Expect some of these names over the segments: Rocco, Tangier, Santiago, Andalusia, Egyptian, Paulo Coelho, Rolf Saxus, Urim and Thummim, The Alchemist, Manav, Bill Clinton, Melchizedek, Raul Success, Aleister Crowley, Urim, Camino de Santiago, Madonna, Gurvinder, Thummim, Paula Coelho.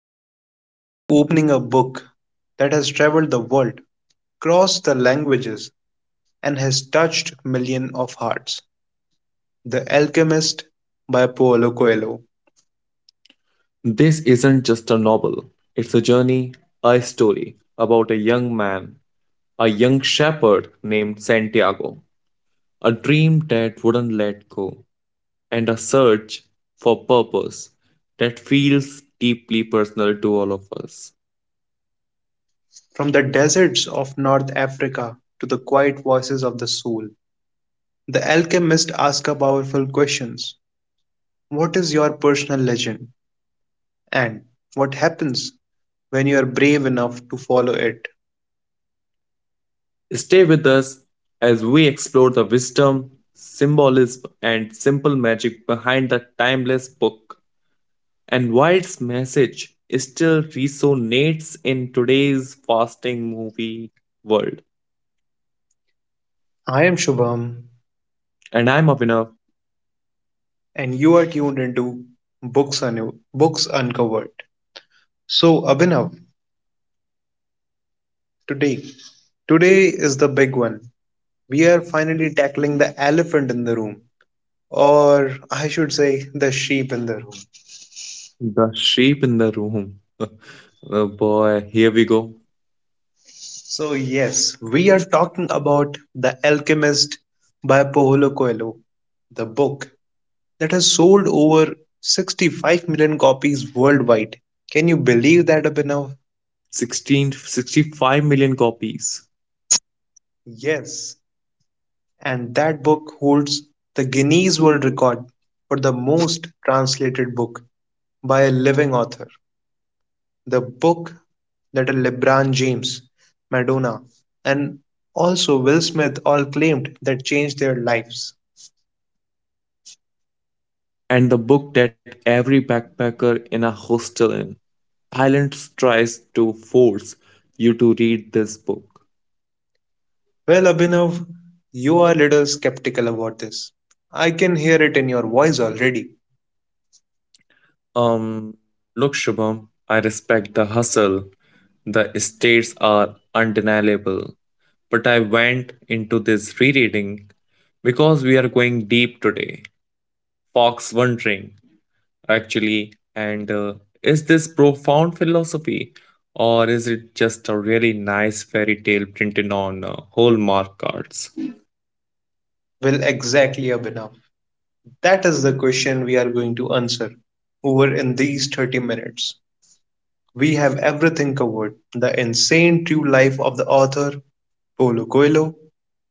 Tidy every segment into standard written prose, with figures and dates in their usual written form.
today we're opening a book that has traveled the world, crossed the languages, and has touched millions of hearts. The Alchemist by Paulo Coelho. This isn't just a novel, it's a journey, a story about a young man, a young shepherd named Santiago, a dream that wouldn't let go, and a search for purpose that feels deeply personal to all of us. From the deserts of North Africa to the quiet voices of the soul, the alchemist asks powerful questions. What is your personal legend? And what happens when you are brave enough to follow it? Stay with us as we explore the wisdom, symbolism, and simple magic behind the timeless book, and why its message still resonates in today's fasting movie world. I am Shubham, And I'm Abhinav, and you are tuned into Books, Books Uncovered. So, Abhinav, today, today is the big one. We are finally tackling the elephant in the room, or I should say, the sheep in the room. the sheep in the room. Oh boy, here we go. So, yes, we are talking about The Alchemist by Paulo Coelho, the book that has sold over 65 million copies worldwide. Can you believe that, Abhinav? 16, 65 million copies. Yes, and that book holds the Guinness World Record for the most translated book by a living author. The book that a LeBron James, Madonna, and also Will Smith all claimed that changed their lives. And the book that every backpacker in a hostel in Thailand tries to force you to read this book. Well, Abhinav, you are a little skeptical about this. I can hear it in your voice already. Um, Look, Shubham, I respect the hustle. The states are undeniable. But I went into this rereading because we are going deep today. Fox wondering, actually, and is this profound philosophy or is it just a really nice fairy tale printed on hallmark cards? Well, exactly, Abhinav. That is the question we are going to answer over in these 30 minutes. We have everything covered: the insane true life of the author, Paulo Coelho,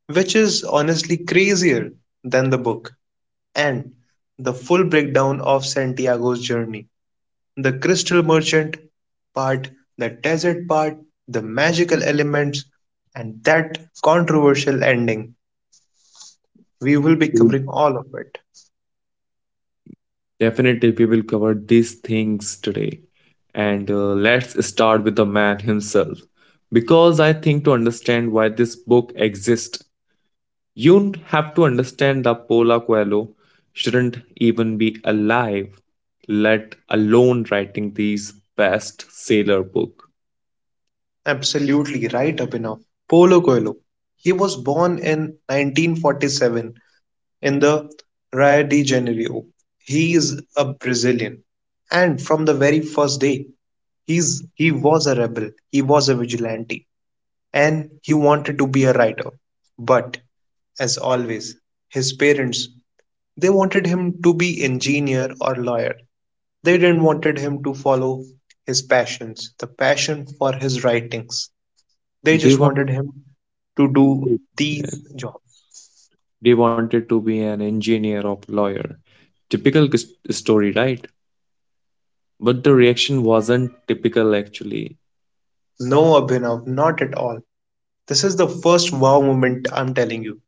which is honestly crazier than the book, and the full breakdown of Santiago's journey, the crystal merchant part, the desert part, the magical elements, and that controversial ending. We will be covering all of it. Definitely, we will cover these things today. And let's start with the man himself. Because I think to understand why this book exists, you have to understand that Paula Coelho shouldn't even be alive, let alone writing these best seller book. Absolutely right, Abhinav. Paulo Coelho. He was born in 1947 in the Rio de Janeiro. He is a Brazilian, and from the very first day, he was a rebel. He was a vigilante, and he wanted to be a writer. But as always, his parents they wanted him to be engineer or lawyer. They didn't wanted him to follow his passions, the passion for his writings. They They just want wanted him to do Yeah, these jobs. they wanted to be an engineer or lawyer. Typical story, right? But the reaction wasn't typical actually. No, Abhinav, not at all. This is the first wow moment, I'm telling you.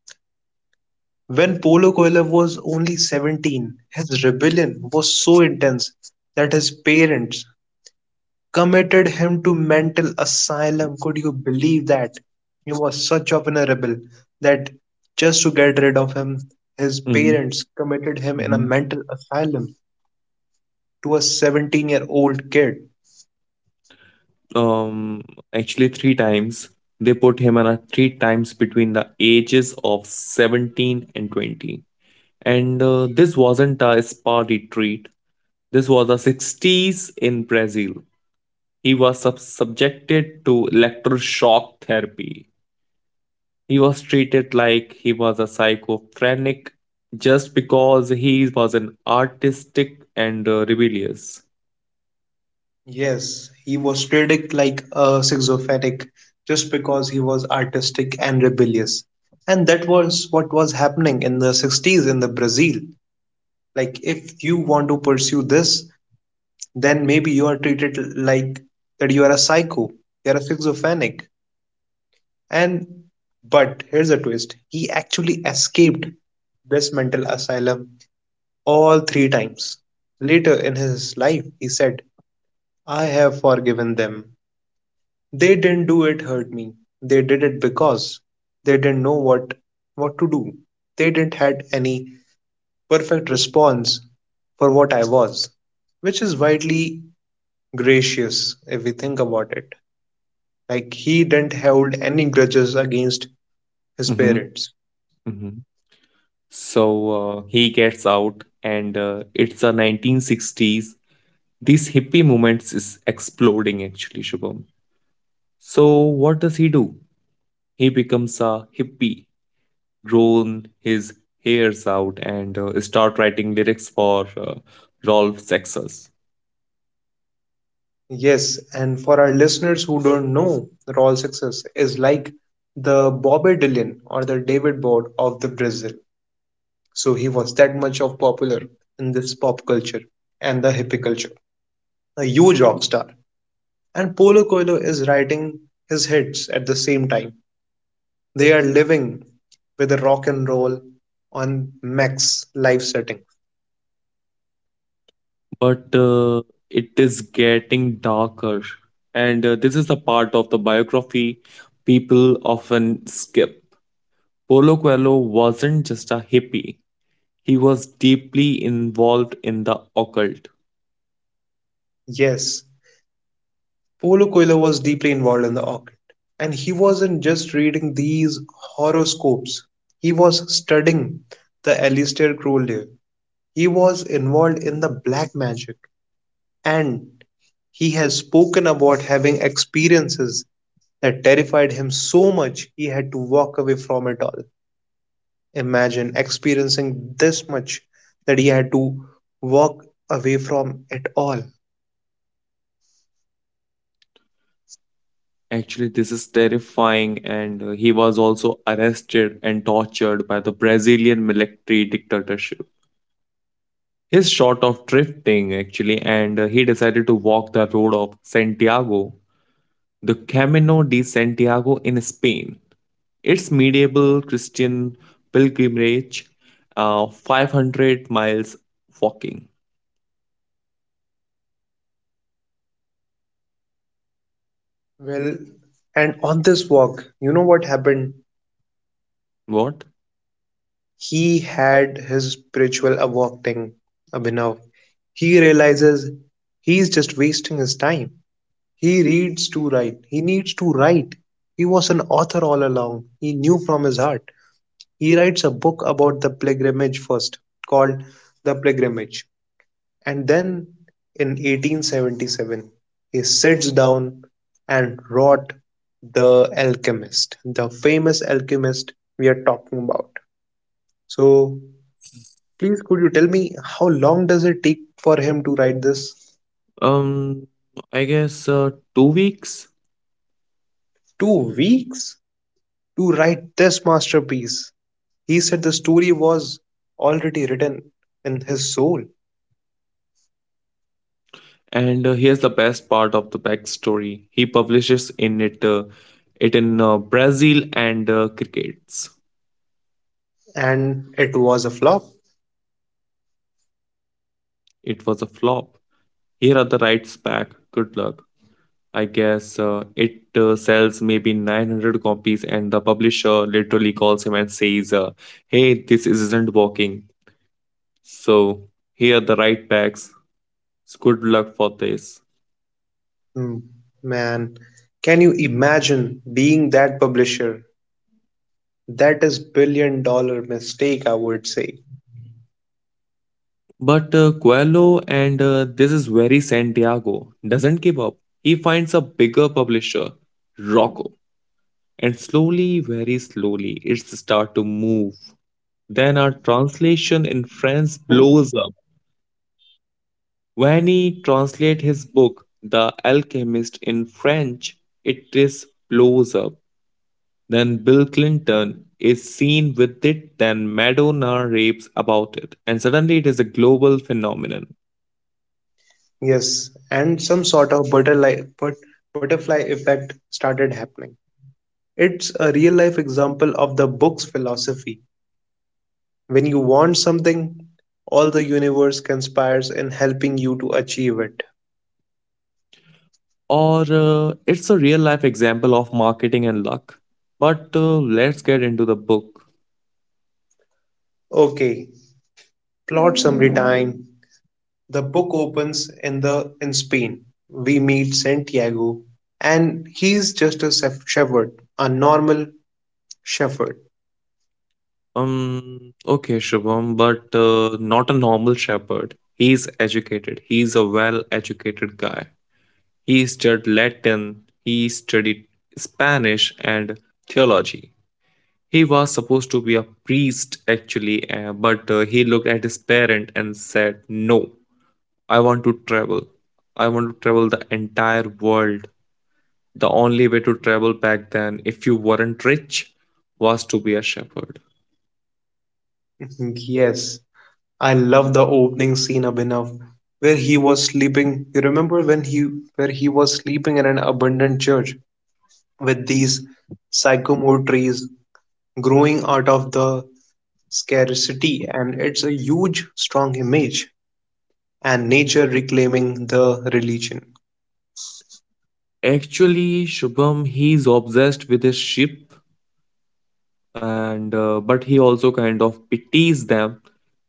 When Paulo Coelho was only 17, his rebellion was so intense that his parents committed him to mental asylum. Could you believe that? He was such of a rebel that just to get rid of him, his Mhm. parents committed him in a mental asylum to a 17-year-old kid. um Actually three times they put him on a three times between the ages of 17 and 20, and this wasn't a spa retreat. This was the 60s in Brazil. He was subjected to electroshock therapy. He was treated like he was a psychophrenic just because he was an artistic and rebellious. Yes, he was treated like a schizophrenic just because he was artistic and rebellious. And that was what was happening in the 60s in the Brazil. Like if you want to pursue this, then maybe you are treated like that you are a psycho, you are a schizophrenic. And but here's a twist. He actually escaped this mental asylum all three times. Later in his life, he said, I have forgiven them. They didn't do it hurt me. They did it because they didn't know what to do. They didn't had any perfect response for what I was, which is widely gracious if we think about it. Like he didn't hold any grudges against his Hmm. parents. So he gets out, and it's the 1960s. This hippie movement is exploding actually, Shubham. So what does he do? He becomes a hippie, grown his hairs out, and start writing lyrics for Rolf Saxus. Yes, and for our listeners who don't know, Raul Success is like the Bobby Dylan or the David Board of the Brazil. So he was that much of popular in this pop culture and the hippie culture. A huge rock star. And Polo Coelho is writing his hits at the same time. They are living with the rock and roll on max live setting. But it is getting darker, and this is the part of the biography people often skip. Polo Coelho wasn't just a hippie. He was deeply involved in the occult. Yes, Polo Coelho was deeply involved in the orchid. And he wasn't just reading these horoscopes. He was studying the Aleister Crowley. He was involved in the black magic and he has spoken about having experiences that terrified him so much he had to walk away from it all. Imagine experiencing this much that he had to walk away from it all. Actually, this is terrifying, and he was also arrested and tortured by the Brazilian military dictatorship. He's short of drifting, actually, and he decided to walk the road of Santiago, the Camino de Santiago in Spain. Its medieval Christian pilgrimage, 500 miles walking. Well, and on this walk, you know what happened? What? He had his spiritual awakening, Abhinav. He realizes he is just wasting his time. He reads to write. He needs to write. He was an author all along. He knew from his heart. He writes a book about the pilgrimage first, called "The Pilgrimage", and then in 1877 he sits down and wrote The Alchemist, the famous alchemist we are talking about. So, please could you tell me how long does it take for him to write this? Um, I guess 2 weeks. 2 weeks to write this masterpiece. He said the story was already written in his soul And here's the best part of the backstory. He publishes in it it in Brazil and crickets. and it was a flop. It was a flop. Here are the rights back. Good luck. I guess it sells maybe 900 copies, and the publisher literally calls him and says, "Hey, this isn't working. So here are the right backs. Good luck for this." Hmm. Man, can you imagine being that publisher? That is $1 billion mistake, I would say. But Coelho and this is very Santiago doesn't give up. He finds a bigger publisher, Rocco, and slowly, very slowly, it's start to move. Then our translation in France blows up. When he translate his book, The Alchemist, in French, it is blows up. Then Bill Clinton is seen with it. Then Madonna rapes about it, and suddenly it is a global phenomenon. Yes, and some sort of butterfly effect started happening. It's a real life example of the book's philosophy. When you want something, all the universe conspires in helping you to achieve it. Or it's a real life example of marketing and luck. But let's get into the book. Okay, plot summary time. The book opens in Spain. We meet Santiago and he's just shepherd, a normal shepherd. Okay, Shubham, but not a normal shepherd. He's educated. He's a well educated guy. He studied Latin, he studied Spanish and theology. He was supposed to be a priest actually, but he looked at his parent and said, No, I want to travel. I want to travel the entire world. The only way to travel back then, if you weren't rich, was to be a shepherd. Yes, I love the opening scene, Abhinav, where he was sleeping. You remember when he where he was sleeping in an abandoned church with these sycamore trees growing out of the scarcity, and it's a huge strong image and nature reclaiming the religion. Actually, Shubham, he's obsessed with his sheep, and but he also kind of pities them.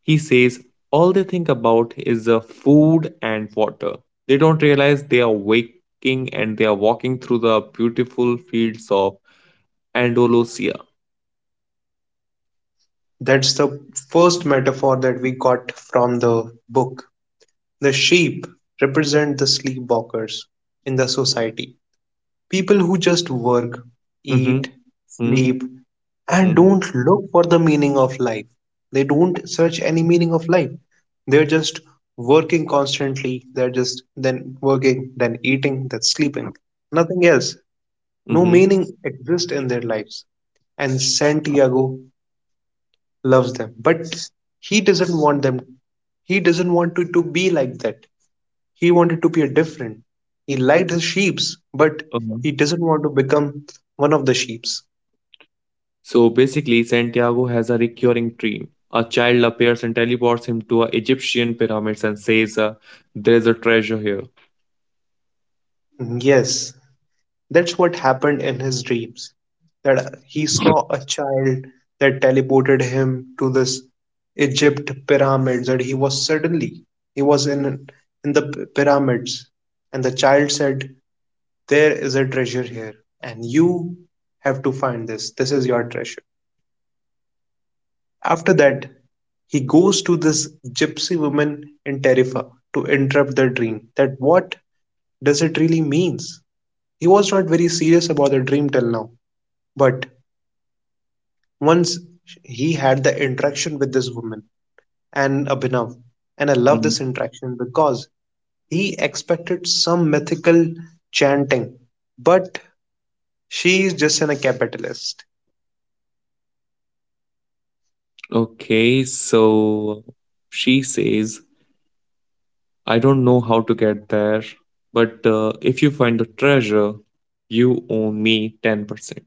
He says all they think about is food and water. They don't realize they are waking and they are walking through the beautiful fields of Andalusia. That's the first metaphor that we got from the book. The sheep represent the sleepwalkers in the society. People who just work, Mm-hmm. eat, Mm-hmm. sleep, and Mm-hmm. don't look for the meaning of life. They don't search any meaning of life. They're just working constantly. They're just then working, then eating, then sleeping. Nothing else. No Mm-hmm. meaning exists in their lives. And Santiago loves them, but he doesn't want them he doesn't want to be like that. He wanted to be a different. He liked his sheeps, but Uh-huh. he doesn't want to become one of the sheeps. So basically, Santiago has a recurring dream. A child appears and teleports him to a Egyptian pyramids and says, "There is a treasure here." Mm, yes, that's what happened in his dreams, that he saw a child that teleported him to this egypt pyramids, that he was he was in in the pyramids, and the child said there is a treasure here and you have to find this. This is your treasure. After that, he goes to this gypsy woman in tarifa to interrupt their dream that what does it really means. He was not very serious about the dream till now, but once he had the interaction with this woman. And Abhinav, and I love Mm. this interaction because he expected some mythical chanting, but she is just a capitalist. Okay, so she says, "I don't know how to get there, but if you find the treasure, you owe me 10%."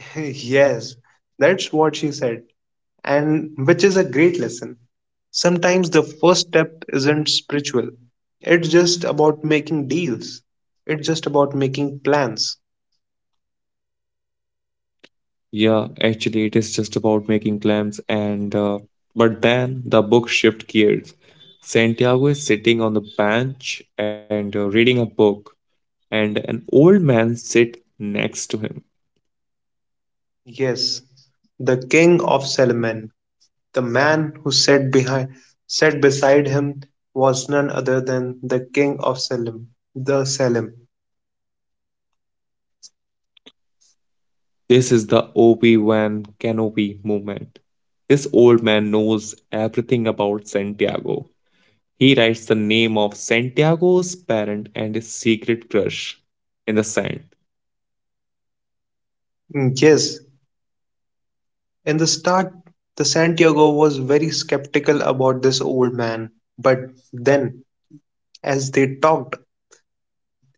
Yes, that's what she said, and which is a great lesson. Sometimes the first step isn't spiritual. It's just about making deals. It's just about making plans. Yeah, actually, it is just about making clams and but then the book shift gears. Santiago is sitting on the bench and reading a book, and an old man sit next to him. Yes, the king of Solomon, the man who sat beside him was none other than the king of Salem, the Salem. This is the Obi-Wan Kenobi movement. This old man knows everything about Santiago. He writes the name of Santiago's parent and his secret crush in the sand. Yes, in the start the Santiago was very skeptical about this old man, but then as they talked,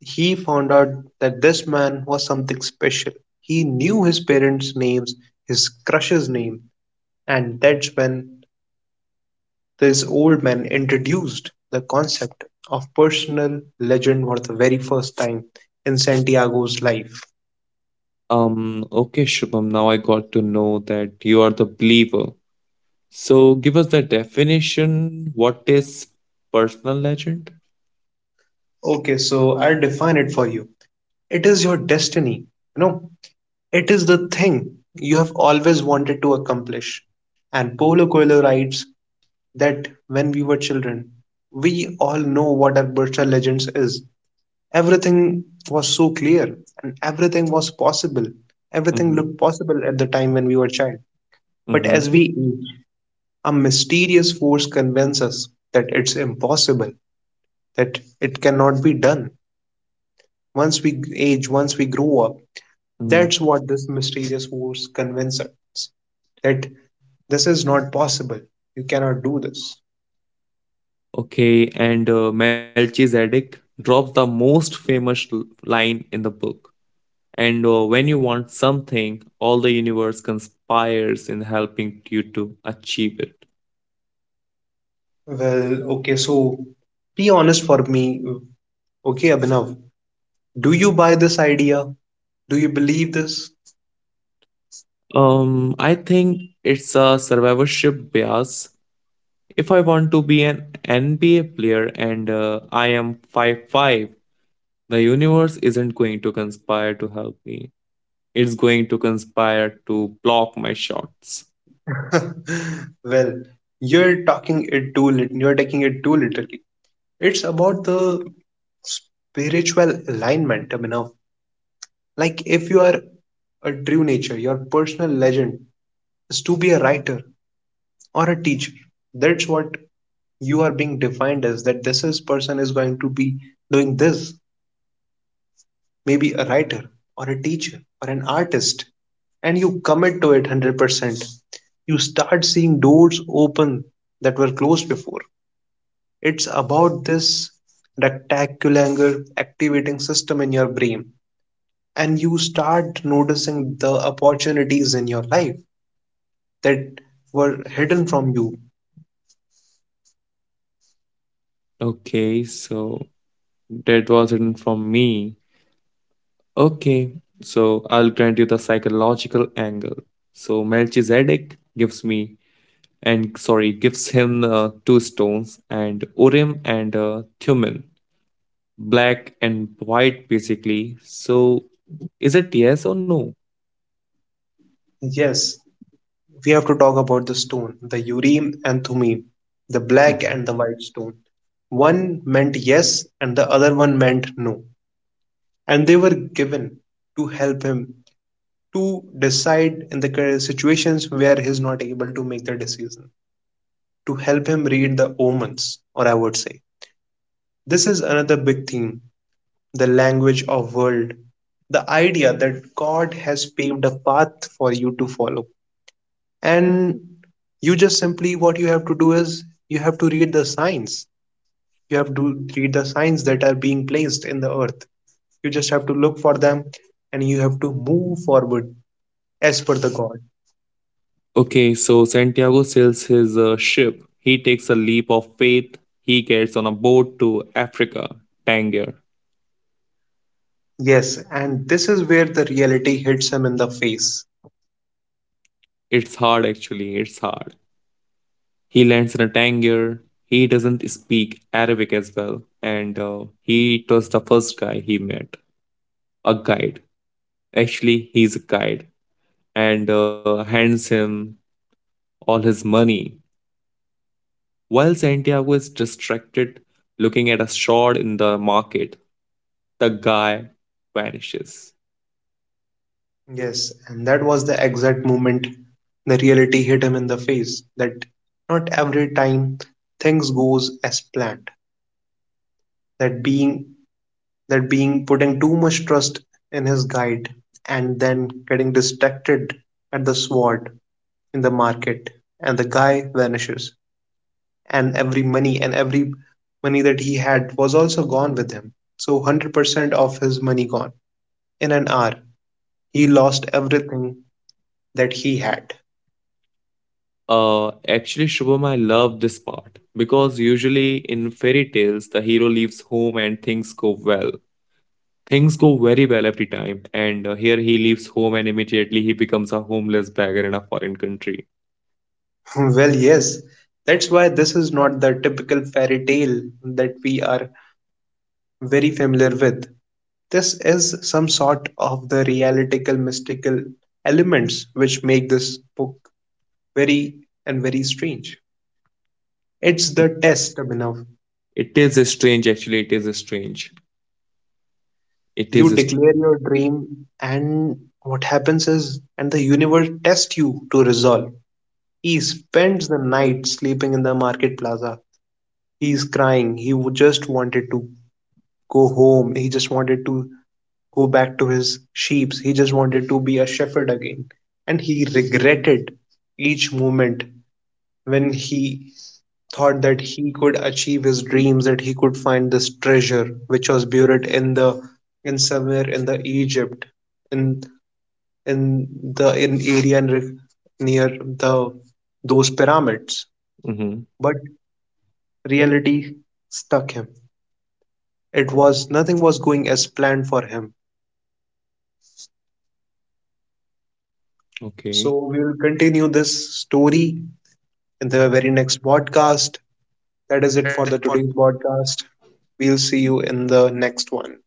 he found out that this man was something special. He knew his parents' names, his crush's name, and that's when this old man introduced the concept of personal legend for the very first time in Santiago's life. Okay, Shubham, now I got to know that you are the believer. So, give us the definition. What is personal legend? Okay, so I'll define it for you. It is your destiny. You know, it is the thing you have always wanted to accomplish. And Paulo Coelho writes that when we were children, we all know what Alberta Legends is. Everything was so clear and everything was possible. Everything Mm-hmm. looked possible at the time when we were child. But Mm-hmm. as we age, a mysterious force convinces us that it's impossible, that it cannot be done. Once we age, once we grow up, Mm-hmm. that's what this mysterious force convinces us that this is not possible. You cannot do this. Okay, and Melchizedek drops the most famous line in the book. And when you want something, all the universe conspires in helping you to achieve it. Well, okay, so be honest for me. Okay, Abhinav, do you buy this idea? Do you believe this? I think it's a survivorship bias. If I want to be an NBA player and I am five five, the universe isn't going to conspire to help me. It's going to conspire to block my shots. Well, you're taking it too literally. It's about the spiritual alignment, Abhinav. Like if you are a true nature, your personal legend is to be a writer or a teacher. That's what you are being defined as, that this is person is going to be doing this, maybe a writer or a teacher or an artist, and you commit to it 100%, you start seeing doors open that were closed before. It's about this rectangular activating system in your brain, and you start noticing the opportunities in your life that were hidden from you. Okay, so that was it from me. Okay, so I'll grant you the psychological angle. So Melchizedek gives me and sorry gives him two stones and Urim and Thummim. Black and white, basically. So, is it yes or no? Yes, we have to talk about the stone, the Urim and Thummim, the black Mhm. and the white stone. One meant yes, and the other one meant no. And they were given to help him to decide in the situations where he's not able to make the decision, to help him read the omens, or I would say. This is another big theme, the language of world, the idea that God has paved a path for you to follow. And you just simply what you have to do is you have to read the signs. That are being placed in the earth, you just have to look for them, and you have to move forward as per the god. Okay, so Santiago sails his ship. He takes a leap of faith. He gets on a boat to Africa, Tangier. Yes, and this is where the reality hits him in the face. It's hard, actually. It's hard. He lands in a Tangier. He doesn't speak Arabic as well. And he was the first guy he met, a guide. Actually, he's a guide. And hands him all his money. While Santiago is distracted looking at a shot in the market, the guy vanishes. Yes, and that was the exact moment the reality hit him in the face, that not every time things goes as planned, that being that being putting too much trust in his guide and then getting distracted at the sword in the market, and the guy vanishes, and every money that he had was also gone with him. So 100% of his money gone in an hour. He lost everything that he had. Actually, Shubham, I love this part because usually in fairy tales, the hero leaves home and things go well. Things go very well every time, and here he leaves home and immediately he becomes a homeless beggar in a foreign country. Well, yes, that's why this is not the typical fairy tale that we are very familiar with. This is some sort of the realistical mystical elements which make this book very and very strange. It's the test, Abhinav. It is strange, actually. It is strange. It is. You St- declare your dream, and the universe tests you to resolve. He spends the night sleeping in the market plaza. He's crying. He just wanted to go home. He just wanted to go back to his sheep. He just wanted to be a shepherd again. And he regretted each moment when he thought that he could achieve his dreams, that he could find this treasure which was buried in the in somewhere in the Egypt, in in in area near the those pyramids. Mhm. But reality stuck him. It was nothing was going as planned for him. Okay. So we will continue this story in the very next podcast. That is it for the today's podcast. We'll see you in the next one.